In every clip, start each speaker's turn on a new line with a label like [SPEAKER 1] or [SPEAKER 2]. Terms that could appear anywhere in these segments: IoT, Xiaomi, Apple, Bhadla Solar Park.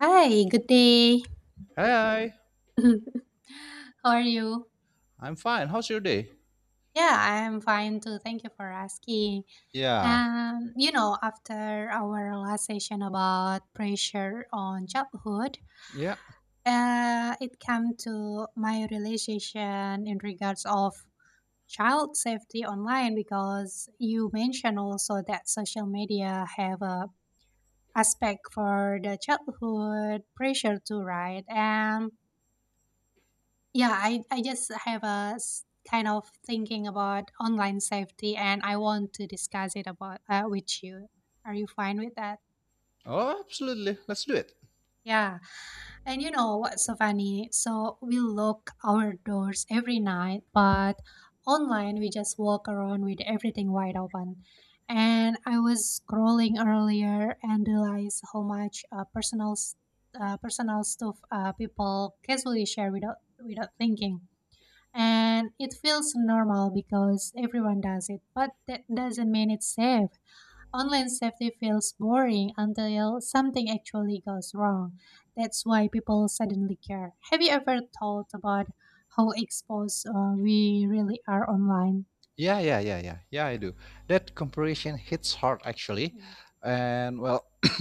[SPEAKER 1] Hi, good day.
[SPEAKER 2] Hey,
[SPEAKER 1] How are you?
[SPEAKER 2] I'm fine. How's your day?
[SPEAKER 1] Yeah, I am fine too. Thank you for asking.
[SPEAKER 2] Yeah.
[SPEAKER 1] After our last session about pressure on childhood,
[SPEAKER 2] Yeah.
[SPEAKER 1] it came to my realization in regards of child safety online because you mentioned also that social media have a aspect for the childhood pressure too, right? And yeah, I just have a kind of thinking about online safety and I want to discuss it about with you. Are you fine with that?
[SPEAKER 2] Oh, absolutely. Let's do it.
[SPEAKER 1] Yeah. And you know what's so funny? So we lock our doors every night, but online we just walk around with everything wide open. And I was scrolling earlier and realized how much personal stuff people casually share without thinking and it feels normal because everyone does it, but that doesn't mean it's safe. Online safety feels boring until something actually goes wrong. That's why people suddenly care. Have you ever thought about how exposed we really are online?
[SPEAKER 2] Yeah, yeah, yeah, yeah, yeah. I do. That comparison hits hard actually,
[SPEAKER 1] Mm,
[SPEAKER 2] and well,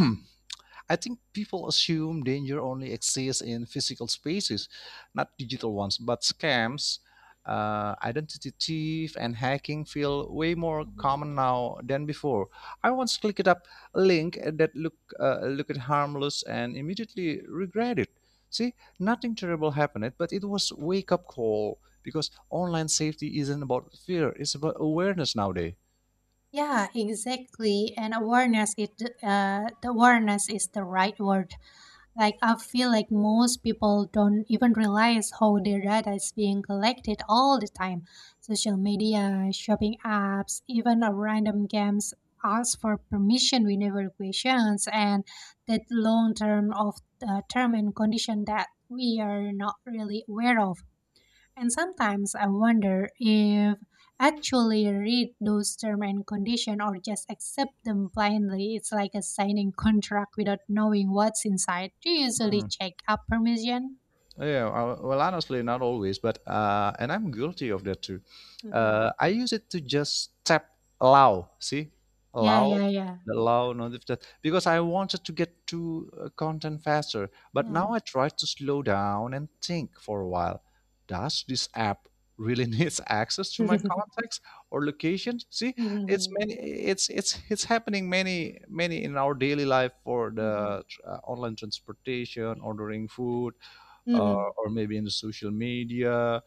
[SPEAKER 2] I think people assume danger only exists in physical spaces, not digital ones. But scams, identity thief, and hacking feel way more
[SPEAKER 1] mhm.
[SPEAKER 2] common now than before. I once clicked up a link that looked harmless and immediately regret it. See, nothing terrible happened, but it was wake up call, because online safety isn't about fear, it's about awareness nowadays.
[SPEAKER 1] Yeah, exactly. And the awareness is the right word. Like, I feel like most people don't even realize how their data is being collected all the time. Social media, shopping apps, even a random games ask for permission we never questions, and that long term of term and condition that we are not really aware of, and sometimes I wonder if actually read those terms and condition or just accept them blindly. It's like a signing contract without knowing what's inside. Do you usually
[SPEAKER 2] Hmm.
[SPEAKER 1] check up permission?
[SPEAKER 2] Yeah, well, honestly, not always, but and I'm guilty of that too.
[SPEAKER 1] Mhm.
[SPEAKER 2] I use it to just tap allow, see,
[SPEAKER 1] Yeah,
[SPEAKER 2] allow,
[SPEAKER 1] yeah, yeah.
[SPEAKER 2] allow notification because I wanted to get to content faster. But now
[SPEAKER 1] Yeah.
[SPEAKER 2] I try to slow down and think for a while. Does this app really needs access to my contacts or locations? See, it's
[SPEAKER 1] Mhm.
[SPEAKER 2] many, it's it's it's happening many in our daily life for
[SPEAKER 1] Mhm.
[SPEAKER 2] the online transportation, ordering food
[SPEAKER 1] Mhm.
[SPEAKER 2] or maybe in the social media,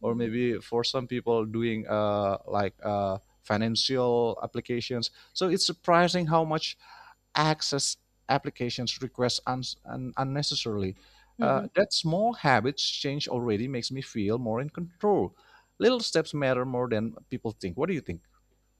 [SPEAKER 1] Mhm.
[SPEAKER 2] or
[SPEAKER 1] Mhm.
[SPEAKER 2] maybe for some people doing like financial applications, so it's surprising how much access applications requests unnecessarily.
[SPEAKER 1] Mhm.
[SPEAKER 2] That small habits change already makes me feel more in control. Little steps matter more than people think. What do you think?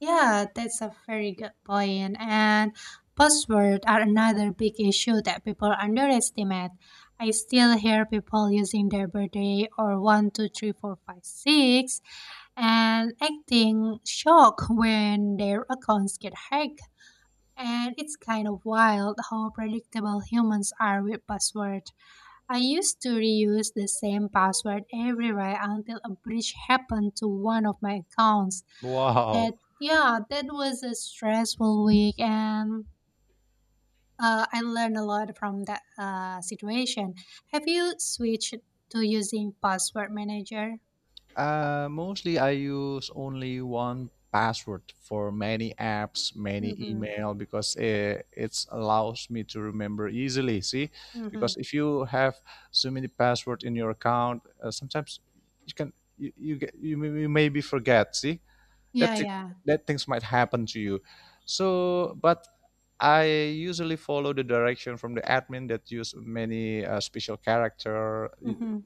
[SPEAKER 1] Yeah, that's a very good point. And passwords are another big issue that people underestimate. I still hear people using their birthday or one, two, three, four, five, six, and acting shocked when their accounts get hacked. And it's kind of wild how predictable humans are with buzzwords. I used to reuse the same password everywhere until a breach happened to one of my accounts.
[SPEAKER 2] Wow.
[SPEAKER 1] That yeah, that was a stressful week, and I learned a lot from that situation. Have you switched to using password manager?
[SPEAKER 2] Mostly I use only one password for many apps, many
[SPEAKER 1] Mm-hmm.
[SPEAKER 2] email, because it allows me to remember easily. See,
[SPEAKER 1] Mm-hmm.
[SPEAKER 2] because if you have so many password in your account, sometimes you can you you, get, you, may- you maybe forget. See,
[SPEAKER 1] Yeah,
[SPEAKER 2] that thi-
[SPEAKER 1] yeah.
[SPEAKER 2] that things might happen to you. So, but I usually follow the direction from the admin that use many special character,
[SPEAKER 1] Mm-hmm.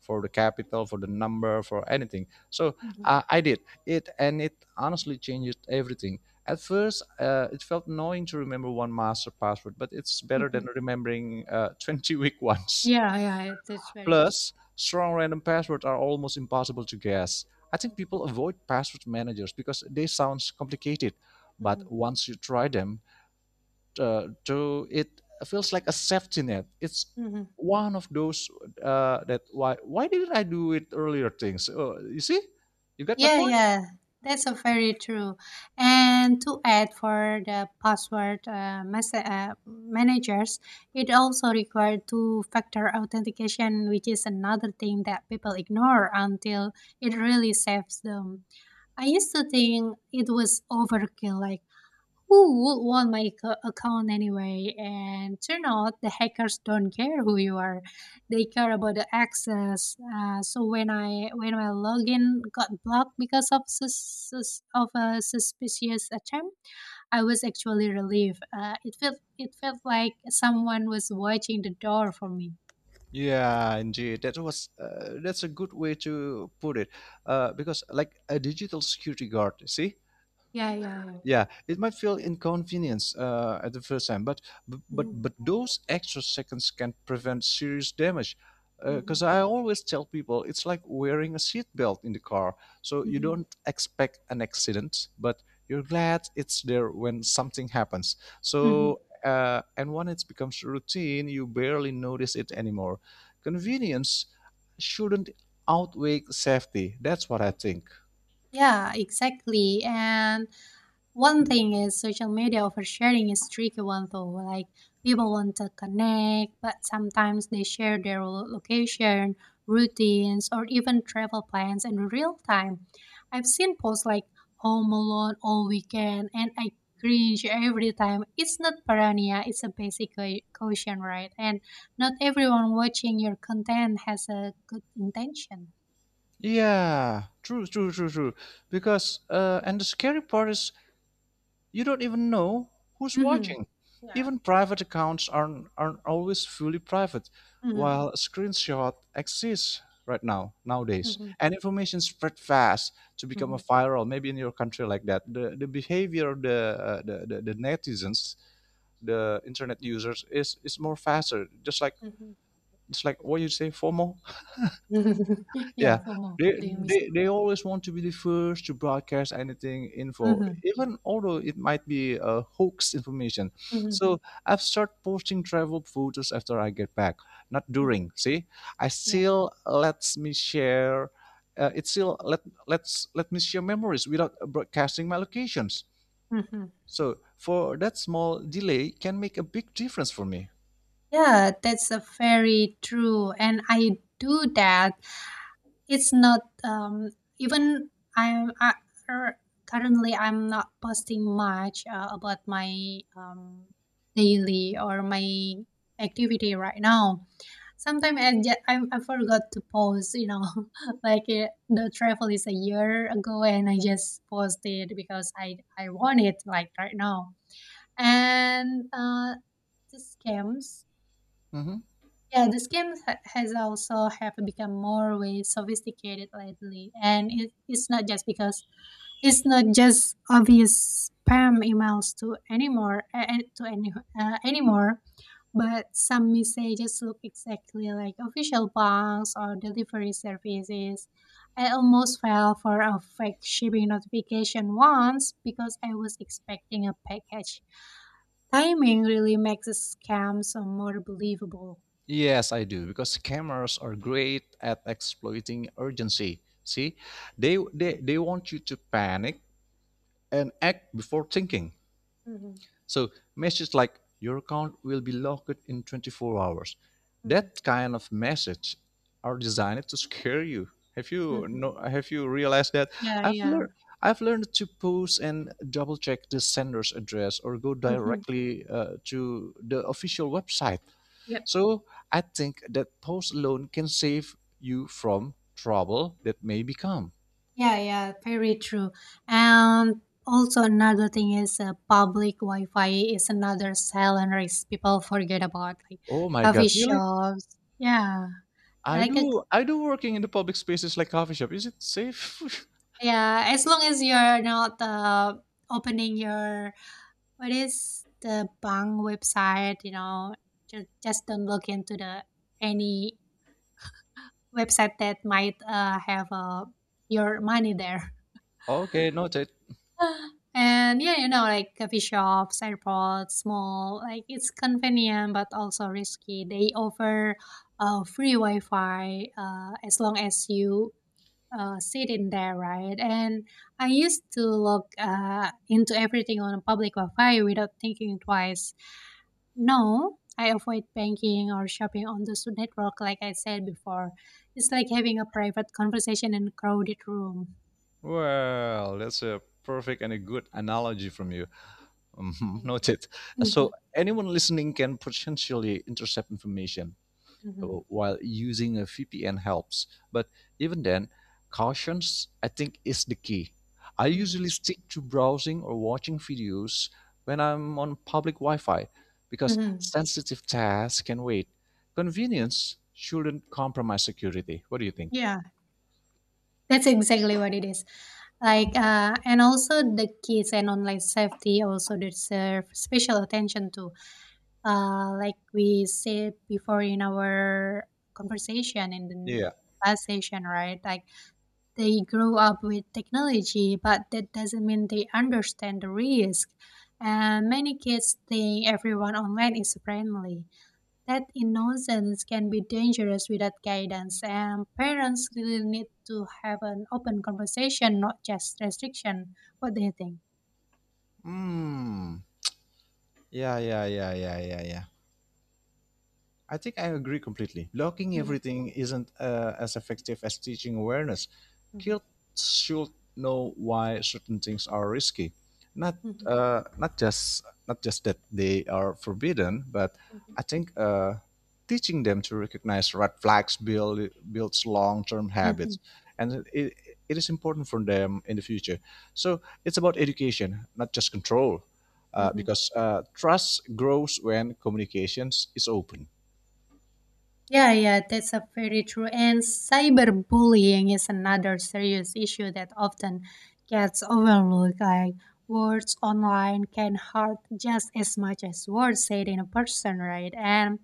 [SPEAKER 2] for the capital, for the number, for anything. So
[SPEAKER 1] Mm-hmm.
[SPEAKER 2] I did it, and it honestly changed everything. At first, it felt annoying to remember one master password, but it's better
[SPEAKER 1] Mm-hmm.
[SPEAKER 2] than remembering 20 weak ones.
[SPEAKER 1] Yeah, yeah. That's very
[SPEAKER 2] Plus, strong random passwords are almost impossible to guess. I think
[SPEAKER 1] true.
[SPEAKER 2] people avoid password managers because they sound complicated, but
[SPEAKER 1] Mm-hmm.
[SPEAKER 2] once you try them, to it feels like a safety net. It's
[SPEAKER 1] Mm-hmm.
[SPEAKER 2] one of those that why didn't I do it earlier things? Oh, you see, you got my
[SPEAKER 1] Yeah,
[SPEAKER 2] point.
[SPEAKER 1] yeah, that's a very true. And to add for the password managers, it also required two-factor authentication, which is another thing that people ignore until it really saves them. I used to think it was overkill, like who would want my account anyway? And turn out the hackers don't care who you are; they care about the access. So when my login got blocked because of a suspicious attempt, I was actually relieved. It felt like someone was watching the door for me.
[SPEAKER 2] Yeah, indeed. That's a good way to put it. Because like a digital security guard, see,
[SPEAKER 1] Yeah, yeah, yeah.
[SPEAKER 2] yeah it might feel inconvenience at the first time, but
[SPEAKER 1] Hmm.
[SPEAKER 2] those extra seconds can prevent serious damage, because
[SPEAKER 1] Hmm.
[SPEAKER 2] I always tell people it's like wearing a seatbelt in the car. So you
[SPEAKER 1] Hmm.
[SPEAKER 2] don't expect an accident, but you're glad it's there when something happens.
[SPEAKER 1] Hmm.
[SPEAKER 2] So and when it becomes routine, you barely notice it anymore. Convenience shouldn't outweigh safety. That's what I think.
[SPEAKER 1] Yeah, exactly. And one thing is social media over sharing is tricky one though. Like, people want to connect, but sometimes they share their location, routines, or even travel plans in real time. I've seen posts like home alone all weekend, and I cringe every time. It's not paranoia, it's a basic caution, right? And not everyone watching your content has a good intention.
[SPEAKER 2] Yeah, true, true, true, true. Because and the scary part is, you don't even know who's
[SPEAKER 1] Hmm.
[SPEAKER 2] watching.
[SPEAKER 1] Yeah.
[SPEAKER 2] Even private accounts aren't always fully private,
[SPEAKER 1] Hmm.
[SPEAKER 2] while a screenshot exists right now nowadays
[SPEAKER 1] Hmm.
[SPEAKER 2] and information spread fast to become a
[SPEAKER 1] Hmm.
[SPEAKER 2] viral, maybe in your country, like that. The behavior of the netizens, the internet users, is more faster, just like
[SPEAKER 1] Hmm.
[SPEAKER 2] what you say, FOMO. Yeah,
[SPEAKER 1] Yeah, FOMO, feeling missed out.
[SPEAKER 2] they always want to be the first to broadcast anything info,
[SPEAKER 1] Mhm,
[SPEAKER 2] even although it might be a hoax information.
[SPEAKER 1] mhm,
[SPEAKER 2] So I've started posting travel photos after I get back, not during.
[SPEAKER 1] mhm.
[SPEAKER 2] See, I
[SPEAKER 1] Yeah.
[SPEAKER 2] still lets me share. It still let me share memories without broadcasting my locations.
[SPEAKER 1] Mhm.
[SPEAKER 2] So for that, small delay can make a big difference for me.
[SPEAKER 1] Yeah, that's a very true, and I do that. It's not even I'm I, er, currently I'm not posting much about my daily or my activity right now. Sometimes I, ju- I forgot to post, you know, like the travel is a year ago, and I just posted because I want it like right now. And the scams,
[SPEAKER 2] Mhm.
[SPEAKER 1] yeah, the scams ha- has also have become more way sophisticated lately, and it's not just because it's not just obvious spam emails to anymore anymore, but some messages look exactly like official banks or delivery services. I almost fell for a fake shipping notification once because I was expecting a package. Timing really makes a scam so more believable.
[SPEAKER 2] Yes, I do, because scammers are great at exploiting urgency. See, they want you to panic and act before thinking.
[SPEAKER 1] Mm-hmm.
[SPEAKER 2] So messages like your account will be locked in 24 hours.
[SPEAKER 1] Hmm.
[SPEAKER 2] That kind of message are designed to scare you. Have you
[SPEAKER 1] Hmm.
[SPEAKER 2] no have you realized that?
[SPEAKER 1] Yeah,
[SPEAKER 2] I've
[SPEAKER 1] yeah.
[SPEAKER 2] learned I've learned to pause and double check the sender's address or go
[SPEAKER 1] Mm-hmm.
[SPEAKER 2] directly to the official website. So I think that pause alone can save you from trouble that may become.
[SPEAKER 1] Yeah, yeah, very true. And also another thing is public Wi-Fi is another silent risk people forget about, like
[SPEAKER 2] Oh my
[SPEAKER 1] coffee
[SPEAKER 2] god, really?
[SPEAKER 1] shops. Yeah, like a,
[SPEAKER 2] I do working in the public spaces like coffee shop. Is it safe?
[SPEAKER 1] yeah, as long as you're not opening your what is the bank website, you know, just don't look into the any website that might have your money there.
[SPEAKER 2] Okay, noted.
[SPEAKER 1] And yeah, you know, like coffee shops, airports, small, like it's convenient but also risky. They offer free Wi-Fi as long as you sit in there, right? And I used to log into everything on public Wi-Fi without thinking twice. No, I avoid banking or shopping on the network, like I said before. It's like having a private conversation in a crowded room.
[SPEAKER 2] Well, that's a perfect and a good analogy from you. Mhm,
[SPEAKER 1] Thank you.
[SPEAKER 2] noted.
[SPEAKER 1] Hmm.
[SPEAKER 2] So anyone listening can potentially intercept information. uh,
[SPEAKER 1] Hmm.
[SPEAKER 2] while using a VPN helps. But even then, cautions I think is the key. I
[SPEAKER 1] Hmm.
[SPEAKER 2] usually stick to browsing or watching videos when I'm on public Wi-Fi because
[SPEAKER 1] Mhm.
[SPEAKER 2] sensitive tasks can wait. Convenience shouldn't compromise security. What do you think?
[SPEAKER 1] Yeah, that's exactly what it is. Like, and also the kids and online safety also deserve special attention too. Like we said before in our conversation in the
[SPEAKER 2] Yeah.
[SPEAKER 1] last session, right? Like, they grow up with technology, but that doesn't mean they understand the risk. And many kids think everyone online is friendly. That innocence can be dangerous without guidance, and parents really need to have an open conversation, not just restriction. What do you think?
[SPEAKER 2] Mm. Yeah, yeah, yeah, yeah, yeah, yeah. I think I agree completely. Blocking
[SPEAKER 1] Mhm,
[SPEAKER 2] everything isn't as effective as teaching awareness.
[SPEAKER 1] mhm,
[SPEAKER 2] Kids should know why certain things are risky, not
[SPEAKER 1] mhm,
[SPEAKER 2] not just that they are forbidden, but
[SPEAKER 1] mhm.
[SPEAKER 2] I think teaching them to recognize red flags, builds long-term
[SPEAKER 1] Mm.
[SPEAKER 2] habits, and it is important for them in the future. So it's about education, not just control,
[SPEAKER 1] Mhm.
[SPEAKER 2] because trust grows when communications is open.
[SPEAKER 1] Yeah, yeah, that's a very true. And cyberbullying is another serious issue that often gets overlooked. Like, words online can hurt just as much as words said in a person, right? And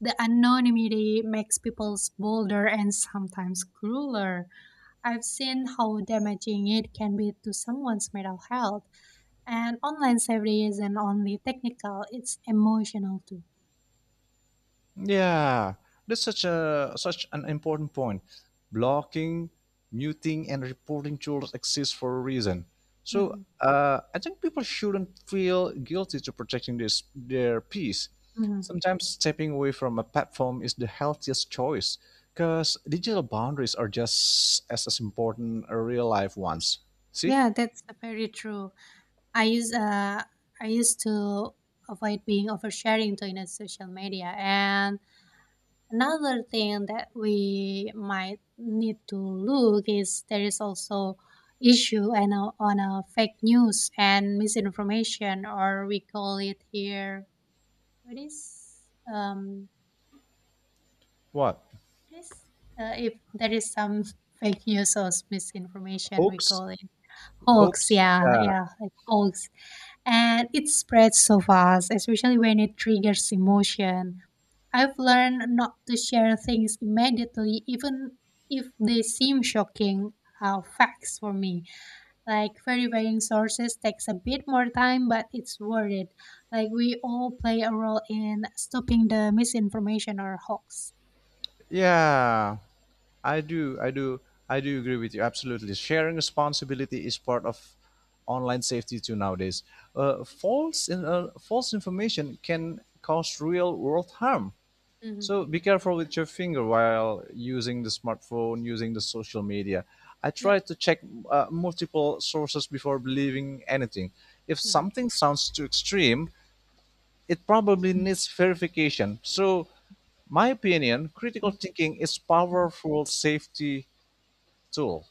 [SPEAKER 1] the anonymity makes people bolder and sometimes crueler. I've seen how damaging it can be to someone's mental health. And online safety isn't only technical, it's emotional too.
[SPEAKER 2] Yeah, that's such an important point. Blocking, muting, and reporting tools exist for a reason. So
[SPEAKER 1] Hmm.
[SPEAKER 2] I think people shouldn't feel guilty to protecting this their peace.
[SPEAKER 1] Hmm.
[SPEAKER 2] Sometimes stepping away from a platform is the healthiest choice, because digital boundaries are just as important as real life ones. See?
[SPEAKER 1] Yeah, that's very true. I use uh I used to avoid being oversharing to in a social media. And another thing that we might need to look is there is also issue and on a fake news and misinformation, or we call it here what is um
[SPEAKER 2] What?
[SPEAKER 1] what is if there is some fake news or misinformation we
[SPEAKER 2] Hoax?
[SPEAKER 1] call it hoax,
[SPEAKER 2] Hoax?
[SPEAKER 1] yeah,
[SPEAKER 2] Yeah.
[SPEAKER 1] yeah, like hoax, and it spreads so fast, especially when it triggers emotion. I've learned not to share things immediately, even if they seem shocking facts for me. Like, verifying sources takes a bit more time, but it's worth it. Like, we all play a role in stopping the misinformation or hoax.
[SPEAKER 2] Yeah. I do. I do. I do agree with you. Absolutely. Sharing responsibility is part of online safety too nowadays. False information can cause real world harm.
[SPEAKER 1] Hmm.
[SPEAKER 2] So be careful with your finger while using the smartphone, using the social media. I try
[SPEAKER 1] Yep.
[SPEAKER 2] to check multiple sources before believing anything. If
[SPEAKER 1] Mhm.
[SPEAKER 2] something sounds too extreme, it probably needs verification. So, my opinion, critical thinking is powerful safety tool.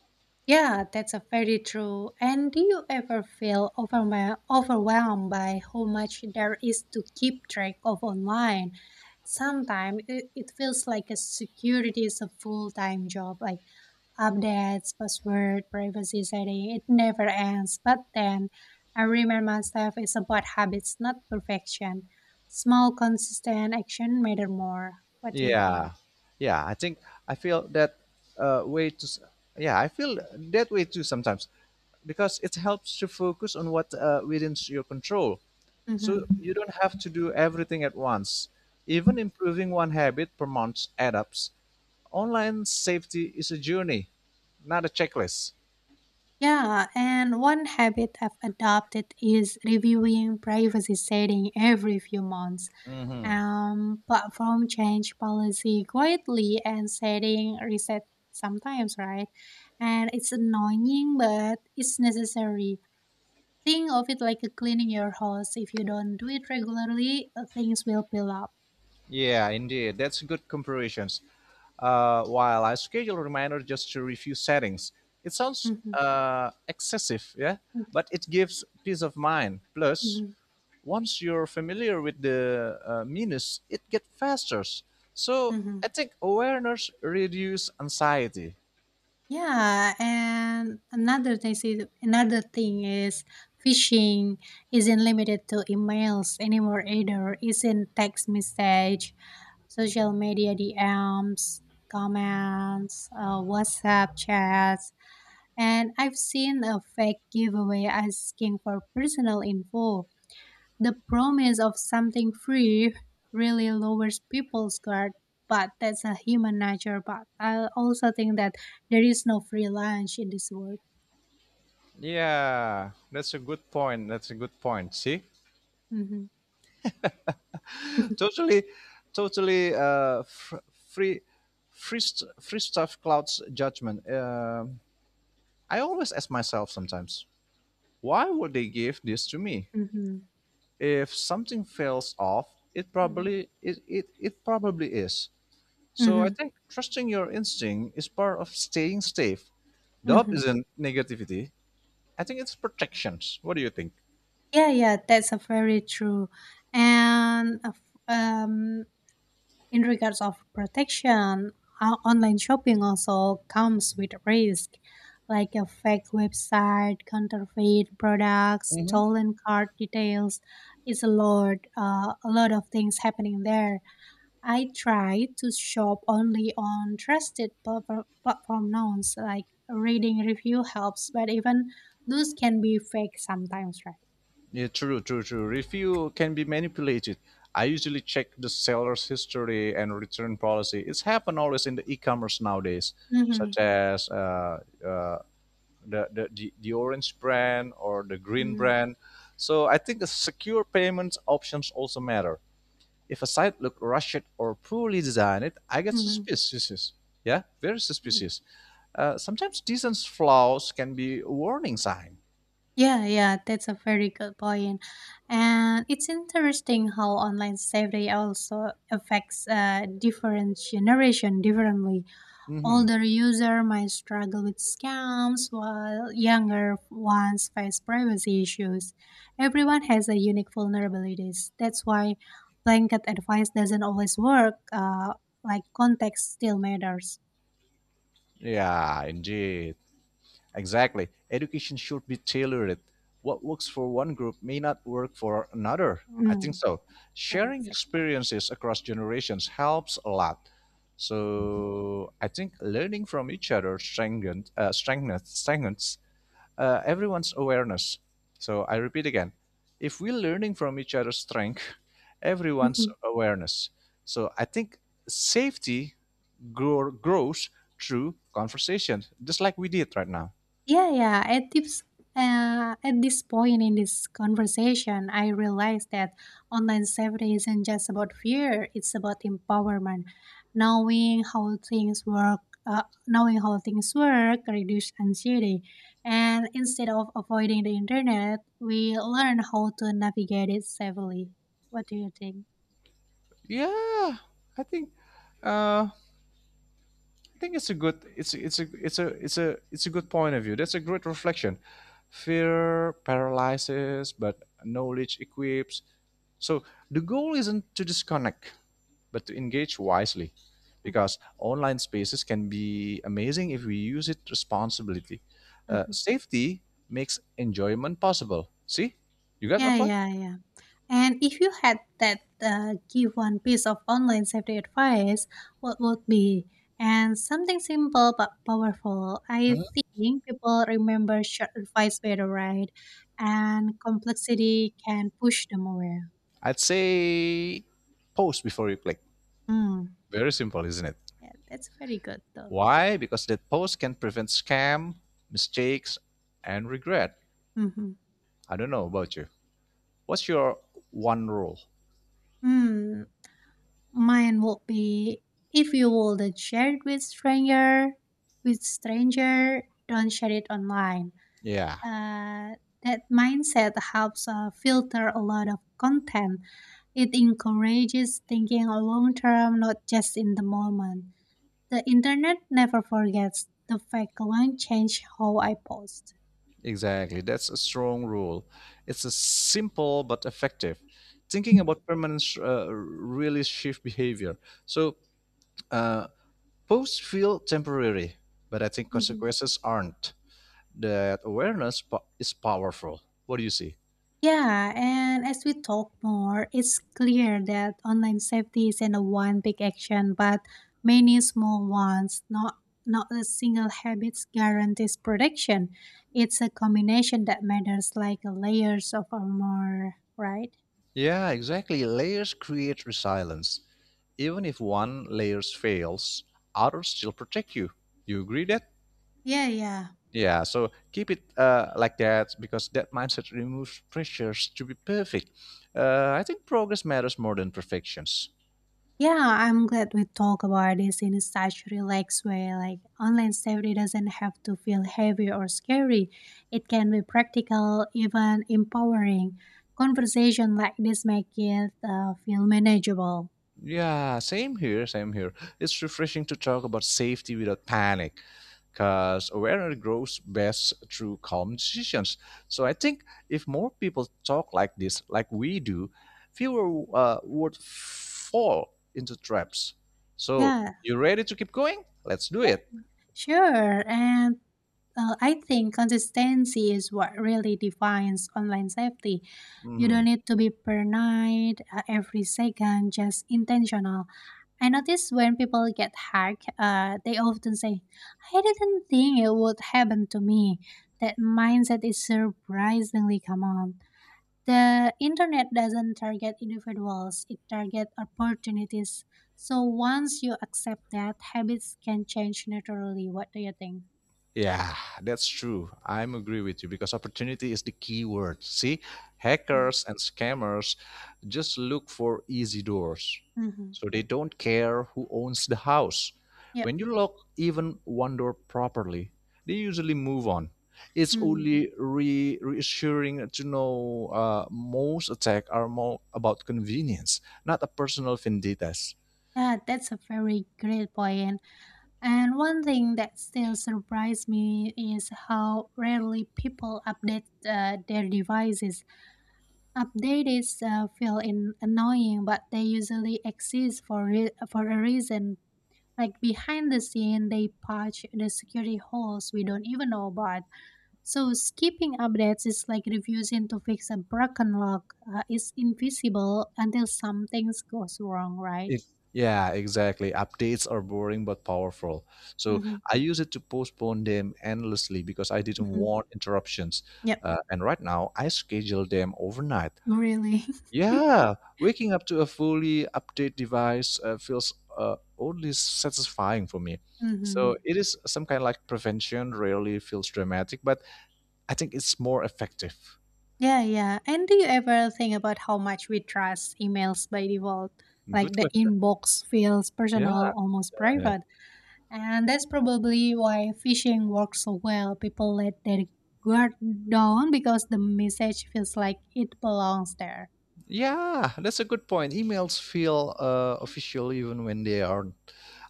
[SPEAKER 1] Yeah, that's a very true. And do you ever feel overwhelmed by how much there is to keep track of online? Sometimes it feels like a security is a full-time job, like updates, password, privacy setting, it never ends. But then I remind myself it's about habits, not perfection. Small, consistent action matter more. What do you think?
[SPEAKER 2] Yeah, yeah. I think I feel that way to. Yeah, I feel that way too sometimes, because it helps to focus on what within your control. So
[SPEAKER 1] Mm-hmm.
[SPEAKER 2] you don't have to do everything at once. Even improving one habit per month adds up. Online safety is a journey, not a checklist.
[SPEAKER 1] Yeah, and one habit I've adopted is reviewing privacy setting every few months.
[SPEAKER 2] Hmm.
[SPEAKER 1] Platform change policy quietly and setting reset sometimes, right? And it's annoying, but it's necessary. Think of it like a cleaning your house. If you don't do it regularly, things will pile up.
[SPEAKER 2] Yeah, indeed. That's good comparisons. While I schedule reminder just to review settings, it sounds
[SPEAKER 1] Mhm,
[SPEAKER 2] excessive, yeah,
[SPEAKER 1] mhm,
[SPEAKER 2] but it gives peace of mind. Plus,
[SPEAKER 1] mhm,
[SPEAKER 2] once you're familiar with the minus, it gets faster. So
[SPEAKER 1] mhm.
[SPEAKER 2] I think awareness reduces anxiety.
[SPEAKER 1] Yeah, and another thing is phishing isn't limited to emails anymore either. It's in text message, social media DMs, comments, WhatsApp chats, and I've seen a fake giveaway asking for personal info. The promise of something free really lowers people's guard, but that's a human nature. But I also think that there is no free lunch in this world.
[SPEAKER 2] Yeah, that's a good point. That's a good point. See,
[SPEAKER 1] Hmm.
[SPEAKER 2] totally, totally uh, fr- free, free, st- free stuff clouds judgment. I always ask myself sometimes, why would they give this to me?
[SPEAKER 1] Hmm.
[SPEAKER 2] If something fails off, it
[SPEAKER 1] Hmm.
[SPEAKER 2] probably it, it, it probably is. So I
[SPEAKER 1] Hmm.
[SPEAKER 2] think trusting your instinct is part of staying safe. Doubt
[SPEAKER 1] Hmm.
[SPEAKER 2] isn't negativity. I think it's protections. What do you think?
[SPEAKER 1] Yeah, yeah, that's a very true. And um, in regards of protection, online shopping also comes with risk, like a fake website, counterfeit products, stolen card details. It's a lot of things happening there. I try to shop only on trusted platform now, so like reading review helps, but even those can be fake sometimes, right?
[SPEAKER 2] Yeah, true, true, true. Review can be manipulated. I usually check the seller's history and return policy. It's happened always in the e-commerce nowadays,
[SPEAKER 1] Mm-hmm,
[SPEAKER 2] such as uh, the orange brand or the green
[SPEAKER 1] mm-hmm,
[SPEAKER 2] brand. So I think the secure payment options also matter. If a site look rushed or poorly designed, I get
[SPEAKER 1] mm-hmm.
[SPEAKER 2] suspicious. Yeah, very suspicious. Sometimes decent flaws can be a warning sign.
[SPEAKER 1] Yeah, yeah, that's a very good point. And it's interesting how online safety also affects different generation differently.
[SPEAKER 2] Hmm.
[SPEAKER 1] Older user might struggle with scams while younger ones face privacy issues. Everyone has a unique vulnerabilities. That's why blanket advice doesn't always work. Like, context still matters.
[SPEAKER 2] Yeah, indeed. Exactly. Education should be tailored. What works for one group may not work for another. I think
[SPEAKER 1] Mm,
[SPEAKER 2] so.
[SPEAKER 1] yeah,
[SPEAKER 2] Sharing
[SPEAKER 1] exactly.
[SPEAKER 2] experiences across generations helps a lot. So I think learning from each other strengthens everyone's awareness. So I repeat again, if we're learning from each other's strength, everyone's awareness. So I think safety grows through conversation, just like we did right now.
[SPEAKER 1] Yeah, yeah. At this point in this conversation, I realized that online safety isn't just about fear; it's about empowerment. Knowing how things work, uh, Knowing how things work, reduce anxiety, and instead of avoiding the internet, we learn how to navigate it safely. What do you think?
[SPEAKER 2] Yeah, I think uh, I think it's a good it's a it's a it's a it's a good point of view. That's a great reflection. Fear paralyzes, but knowledge equips. So the goal isn't to disconnect, but to engage wisely,
[SPEAKER 1] Mhm,
[SPEAKER 2] because online spaces can be amazing if we use it responsibly. Uh,
[SPEAKER 1] mhm.
[SPEAKER 2] safety makes enjoyment possible. See, you got my
[SPEAKER 1] Yeah,
[SPEAKER 2] point?
[SPEAKER 1] yeah, yeah. And if you had that give one piece of online safety advice, what would be? And something simple but powerful. I
[SPEAKER 2] Mhm.
[SPEAKER 1] think people remember short advice better, right? And complexity can push them away.
[SPEAKER 2] I'd say post before you click.
[SPEAKER 1] Mm,
[SPEAKER 2] Very simple, isn't it?
[SPEAKER 1] yeah, that's very good though.
[SPEAKER 2] Why? Because that post can prevent scam, mistakes, and regret.
[SPEAKER 1] Mm-hmm.
[SPEAKER 2] I don't know about you. What's your one rule?
[SPEAKER 1] Mm, Mine would be if you would share it with stranger, don't share it online.
[SPEAKER 2] Yeah.
[SPEAKER 1] Uh, that mindset helps filter a lot of content. It encourages thinking a long term, not just in the moment. The internet never forgets the fact alone change how I post.
[SPEAKER 2] Exactly. That's a strong rule. It's a simple but effective. Thinking about permanence really shift behavior. So uh, posts feel temporary, but I think
[SPEAKER 1] Mm-hmm.
[SPEAKER 2] consequences aren't. That awareness is powerful. What do you see?
[SPEAKER 1] Yeah, and as we talk more, it's clear that online safety isn't a one big action, but many small ones. Not a single habit guarantees protection. It's a combination that matters, like layers of armor, right?
[SPEAKER 2] Yeah, exactly. Layers create resilience. Even if one layer fails, others still protect you. You agree that?
[SPEAKER 1] Yeah, yeah.
[SPEAKER 2] Yeah, so keep it like that, because that mindset removes pressures to be perfect. I think progress matters more than perfections.
[SPEAKER 1] Yeah, I'm glad we talk about this in such relaxed way. Like online safety doesn't have to feel heavy or scary. It can be practical, even empowering. Conversation like this make it feel manageable.
[SPEAKER 2] Yeah, same here, same here. It's refreshing to talk about safety without panic, because awareness grows best through calm decisions. So I think if more people talk like this, like we do, fewer would fall into traps. So
[SPEAKER 1] Yeah.
[SPEAKER 2] you ready to keep going? Let's do
[SPEAKER 1] Yeah.
[SPEAKER 2] it.
[SPEAKER 1] Sure, and I think consistency is what really defines online safety. You don't
[SPEAKER 2] Mhm.
[SPEAKER 1] need to be paranoid every second, just intentional. I notice when people get hacked, they often say, I didn't think it would happen to me. That mindset is surprisingly common. The internet doesn't target individuals, it targets opportunities. So once you accept that, habits can change naturally. What do you think?
[SPEAKER 2] Yeah, that's true. I'm agree with you because opportunity is the key word. See, hackers and scammers just look for easy doors.
[SPEAKER 1] Mm-hmm.
[SPEAKER 2] So they don't care who owns the house.
[SPEAKER 1] Yep.
[SPEAKER 2] When you lock even one door properly, they usually move on. It's
[SPEAKER 1] Mm.
[SPEAKER 2] only reassuring to know, most attacks are more about convenience, not a personal vendetta.
[SPEAKER 1] Yeah, that's a very great point. And one thing that still surprised me is how rarely people update their devices. Updates feel in annoying, but they usually exist for for a reason. Like behind the scene, they patch the security holes we don't even know about. So skipping updates is like refusing to fix a broken lock. It's invisible until something goes wrong, right?
[SPEAKER 2] Yeah, exactly. Updates are boring but powerful. So
[SPEAKER 1] Mm-hmm,
[SPEAKER 2] I use it to postpone them endlessly because I didn't
[SPEAKER 1] mm-hmm.
[SPEAKER 2] want interruptions.
[SPEAKER 1] Yep,
[SPEAKER 2] And right now, I schedule them overnight.
[SPEAKER 1] really.
[SPEAKER 2] Yeah, waking up to a fully update device feels oddly satisfying for me.
[SPEAKER 1] Mm-hmm.
[SPEAKER 2] So it is some kind of like prevention. Rarely feels dramatic, but I think it's more effective.
[SPEAKER 1] Yeah, yeah. And do you ever think about how much we trust emails by default? Like
[SPEAKER 2] Good
[SPEAKER 1] the
[SPEAKER 2] question.
[SPEAKER 1] inbox feels
[SPEAKER 2] Yeah,
[SPEAKER 1] personal, almost
[SPEAKER 2] yeah.
[SPEAKER 1] private. And that's probably why phishing works so well. People let their guard down because the message feels like it belongs there.
[SPEAKER 2] Yeah, that's a good point. Emails feel official even when they aren't.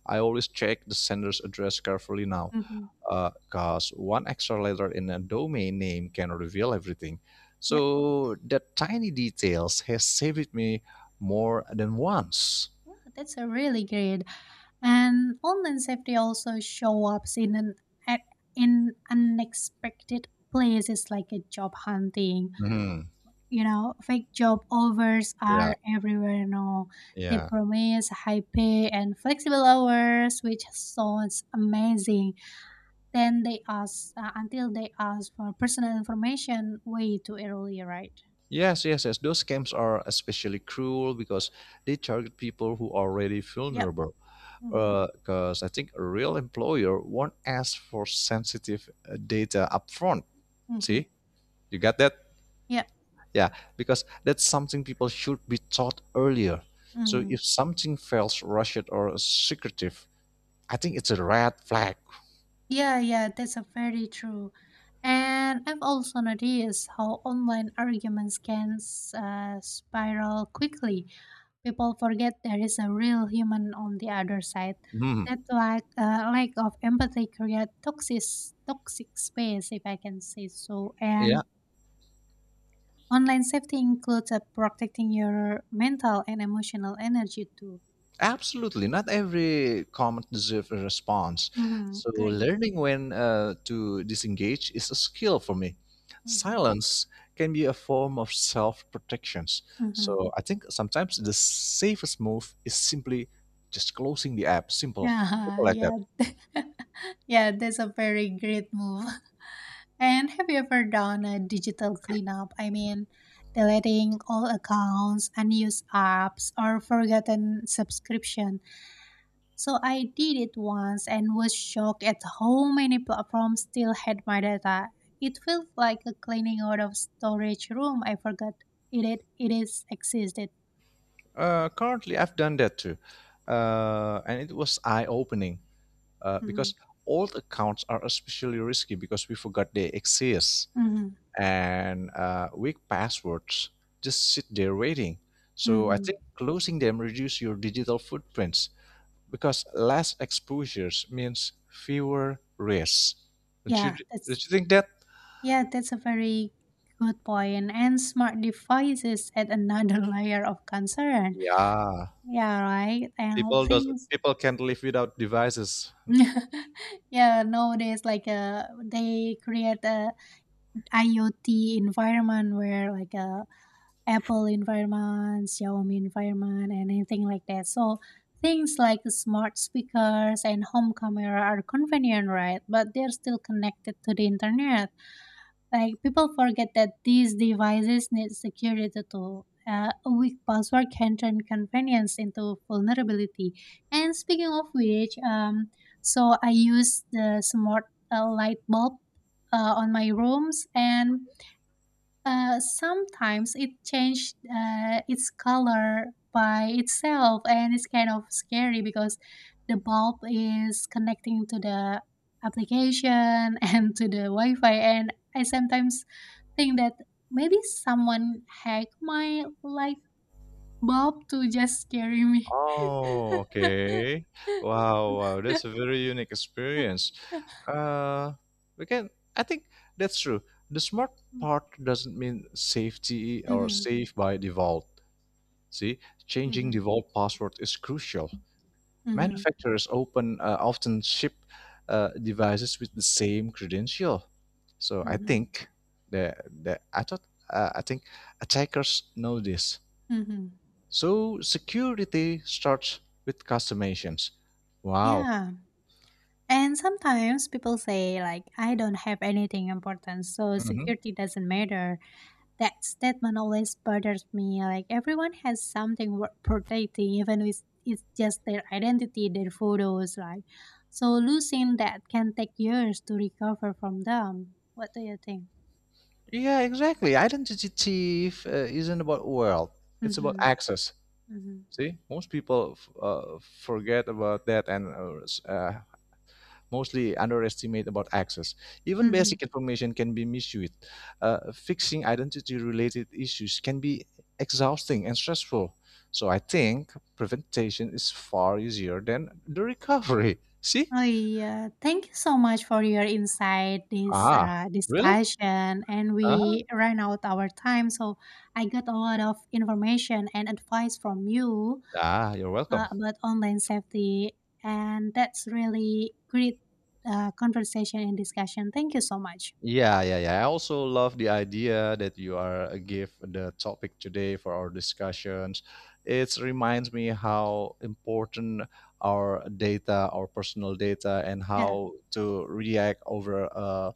[SPEAKER 2] I always check the sender's address carefully now,
[SPEAKER 1] Hmm.
[SPEAKER 2] because one extra letter in a domain name can reveal everything.
[SPEAKER 1] Yeah,
[SPEAKER 2] So that tiny details has saved me more than once.
[SPEAKER 1] that's a really great. And online safety also show up at- in unexpected places like a job hunting.
[SPEAKER 2] Hmm.
[SPEAKER 1] You know, fake job offers
[SPEAKER 2] Yeah,
[SPEAKER 1] are everywhere now. They
[SPEAKER 2] yeah.
[SPEAKER 1] promise high pay and flexible hours, which sounds amazing. Then they ask until they ask for personal information way too early, right?
[SPEAKER 2] Yes, yes, yes. Those scams are especially cruel because they target people who are already
[SPEAKER 1] Yep.
[SPEAKER 2] vulnerable.
[SPEAKER 1] Hmm.
[SPEAKER 2] Because I think a real employer won't ask for sensitive data upfront.
[SPEAKER 1] Hmm.
[SPEAKER 2] See, you got that?
[SPEAKER 1] Yep.
[SPEAKER 2] Yeah, because that's something people should be taught earlier. So
[SPEAKER 1] Hmm.
[SPEAKER 2] if something feels rushed or secretive, I think it's a red flag.
[SPEAKER 1] Yeah, yeah, that's a very true. And I've also noticed how online arguments can spiral quickly. People forget there is a real human on the other side.
[SPEAKER 2] Hmm.
[SPEAKER 1] That lack of empathy creates toxic space, if I can say so.
[SPEAKER 2] Yeah.
[SPEAKER 1] And online safety includes protecting your mental and emotional energy too.
[SPEAKER 2] Absolutely, not every comment deserves a response.
[SPEAKER 1] Mm-hmm.
[SPEAKER 2] So,
[SPEAKER 1] Great.
[SPEAKER 2] learning when to disengage is a skill for me.
[SPEAKER 1] Mm-hmm.
[SPEAKER 2] Silence can be a form of self protection.
[SPEAKER 1] Mm-hmm.
[SPEAKER 2] So, I think sometimes the safest move is simply just closing the app. Simple, simple
[SPEAKER 1] Yeah,
[SPEAKER 2] like that.
[SPEAKER 1] yeah, yeah. That's a very great move. And have you ever done a digital cleanup? I mean, deleting all accounts, unused apps, or forgotten subscription. So I did it once and was shocked at how many platforms still had my data. It felt like a cleaning out of storage room. I forgot it is existed.
[SPEAKER 2] Currently, I've done that too, and it was eye opening
[SPEAKER 1] Hmm.
[SPEAKER 2] because old accounts are especially risky because we forgot they exist.
[SPEAKER 1] Hmm.
[SPEAKER 2] And weak passwords just sit there waiting. So I
[SPEAKER 1] Hmm.
[SPEAKER 2] think closing them reduce your digital footprints because less exposures means fewer risks. Don't you,
[SPEAKER 1] Yeah,
[SPEAKER 2] don't
[SPEAKER 1] that's
[SPEAKER 2] you think that?
[SPEAKER 1] yeah, that's a very good point. And smart devices add another layer of concern.
[SPEAKER 2] Yeah,
[SPEAKER 1] Yeah, right. And things
[SPEAKER 2] people can't live without devices.
[SPEAKER 1] yeah, nowadays like they create a IoT environment where like Apple environment, Xiaomi environment, and anything like that. So things like the smart speakers and home camera are convenient, right? But they're still connected to the internet. Like people forget that these devices need security too. A weak password can turn convenience into vulnerability. And speaking of which, so I use the smart light bulb on my rooms and sometimes it changed its color by itself, and it's kind of scary because the bulb is connecting to the application and to the Wi-Fi, and I sometimes think that maybe someone hacked my light bulb to just scare me.
[SPEAKER 2] Oh, okay. Wow, wow, that's a very unique experience. Uh, we can. I think that's true. The smart part doesn't mean safety or
[SPEAKER 1] Mhm,
[SPEAKER 2] safe by default. See, changing the
[SPEAKER 1] mhm,
[SPEAKER 2] vault password is crucial.
[SPEAKER 1] mhm,
[SPEAKER 2] Manufacturers open, often ship devices with the same credential. So I
[SPEAKER 1] mhm,
[SPEAKER 2] think the the I thought I think attackers know this.
[SPEAKER 1] mhm.
[SPEAKER 2] So security starts with customizations. Wow.
[SPEAKER 1] Yeah. And sometimes people say like I don't have anything important, so
[SPEAKER 2] Hmm.
[SPEAKER 1] security doesn't matter. That statement always bothers me. Like everyone has something worth protecting, even if it's just their identity, their photos, like so losing that can take years to recover from them. What do you think?
[SPEAKER 2] Yeah, exactly. Identity thief isn't about wealth; it's about
[SPEAKER 1] Mm-hmm.
[SPEAKER 2] access.
[SPEAKER 1] Mm-hmm.
[SPEAKER 2] See, most people forget about that and mostly underestimate about access. Even
[SPEAKER 1] Mm-hmm.
[SPEAKER 2] basic information can be misused. Fixing identity-related issues can be exhausting and stressful. So I think prevention is far easier than the recovery. See?
[SPEAKER 1] Oh yeah, thank you so much for your insight, this
[SPEAKER 2] Ah, really?
[SPEAKER 1] discussion, and
[SPEAKER 2] Uh-huh.
[SPEAKER 1] we ran out our time, so I got a lot of information and advice from you
[SPEAKER 2] Ah, you're welcome.
[SPEAKER 1] about online safety, and that's really great conversation and discussion. Thank you so much.
[SPEAKER 2] Yeah, yeah, yeah. I also love the idea that you are give the topic today for our discussions. It reminds me how important our data, our personal data, and
[SPEAKER 1] Yeah.
[SPEAKER 2] how to react over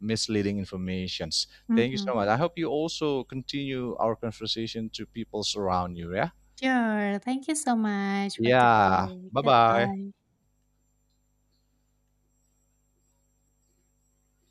[SPEAKER 2] misleading informations. Thank you
[SPEAKER 1] Mm-hmm.
[SPEAKER 2] so much. I hope you also continue our conversation to people around you. Yeah.
[SPEAKER 1] Sure. Thank you so much for
[SPEAKER 2] Yeah.
[SPEAKER 1] today.
[SPEAKER 2] Bye bye.
[SPEAKER 1] Goodbye.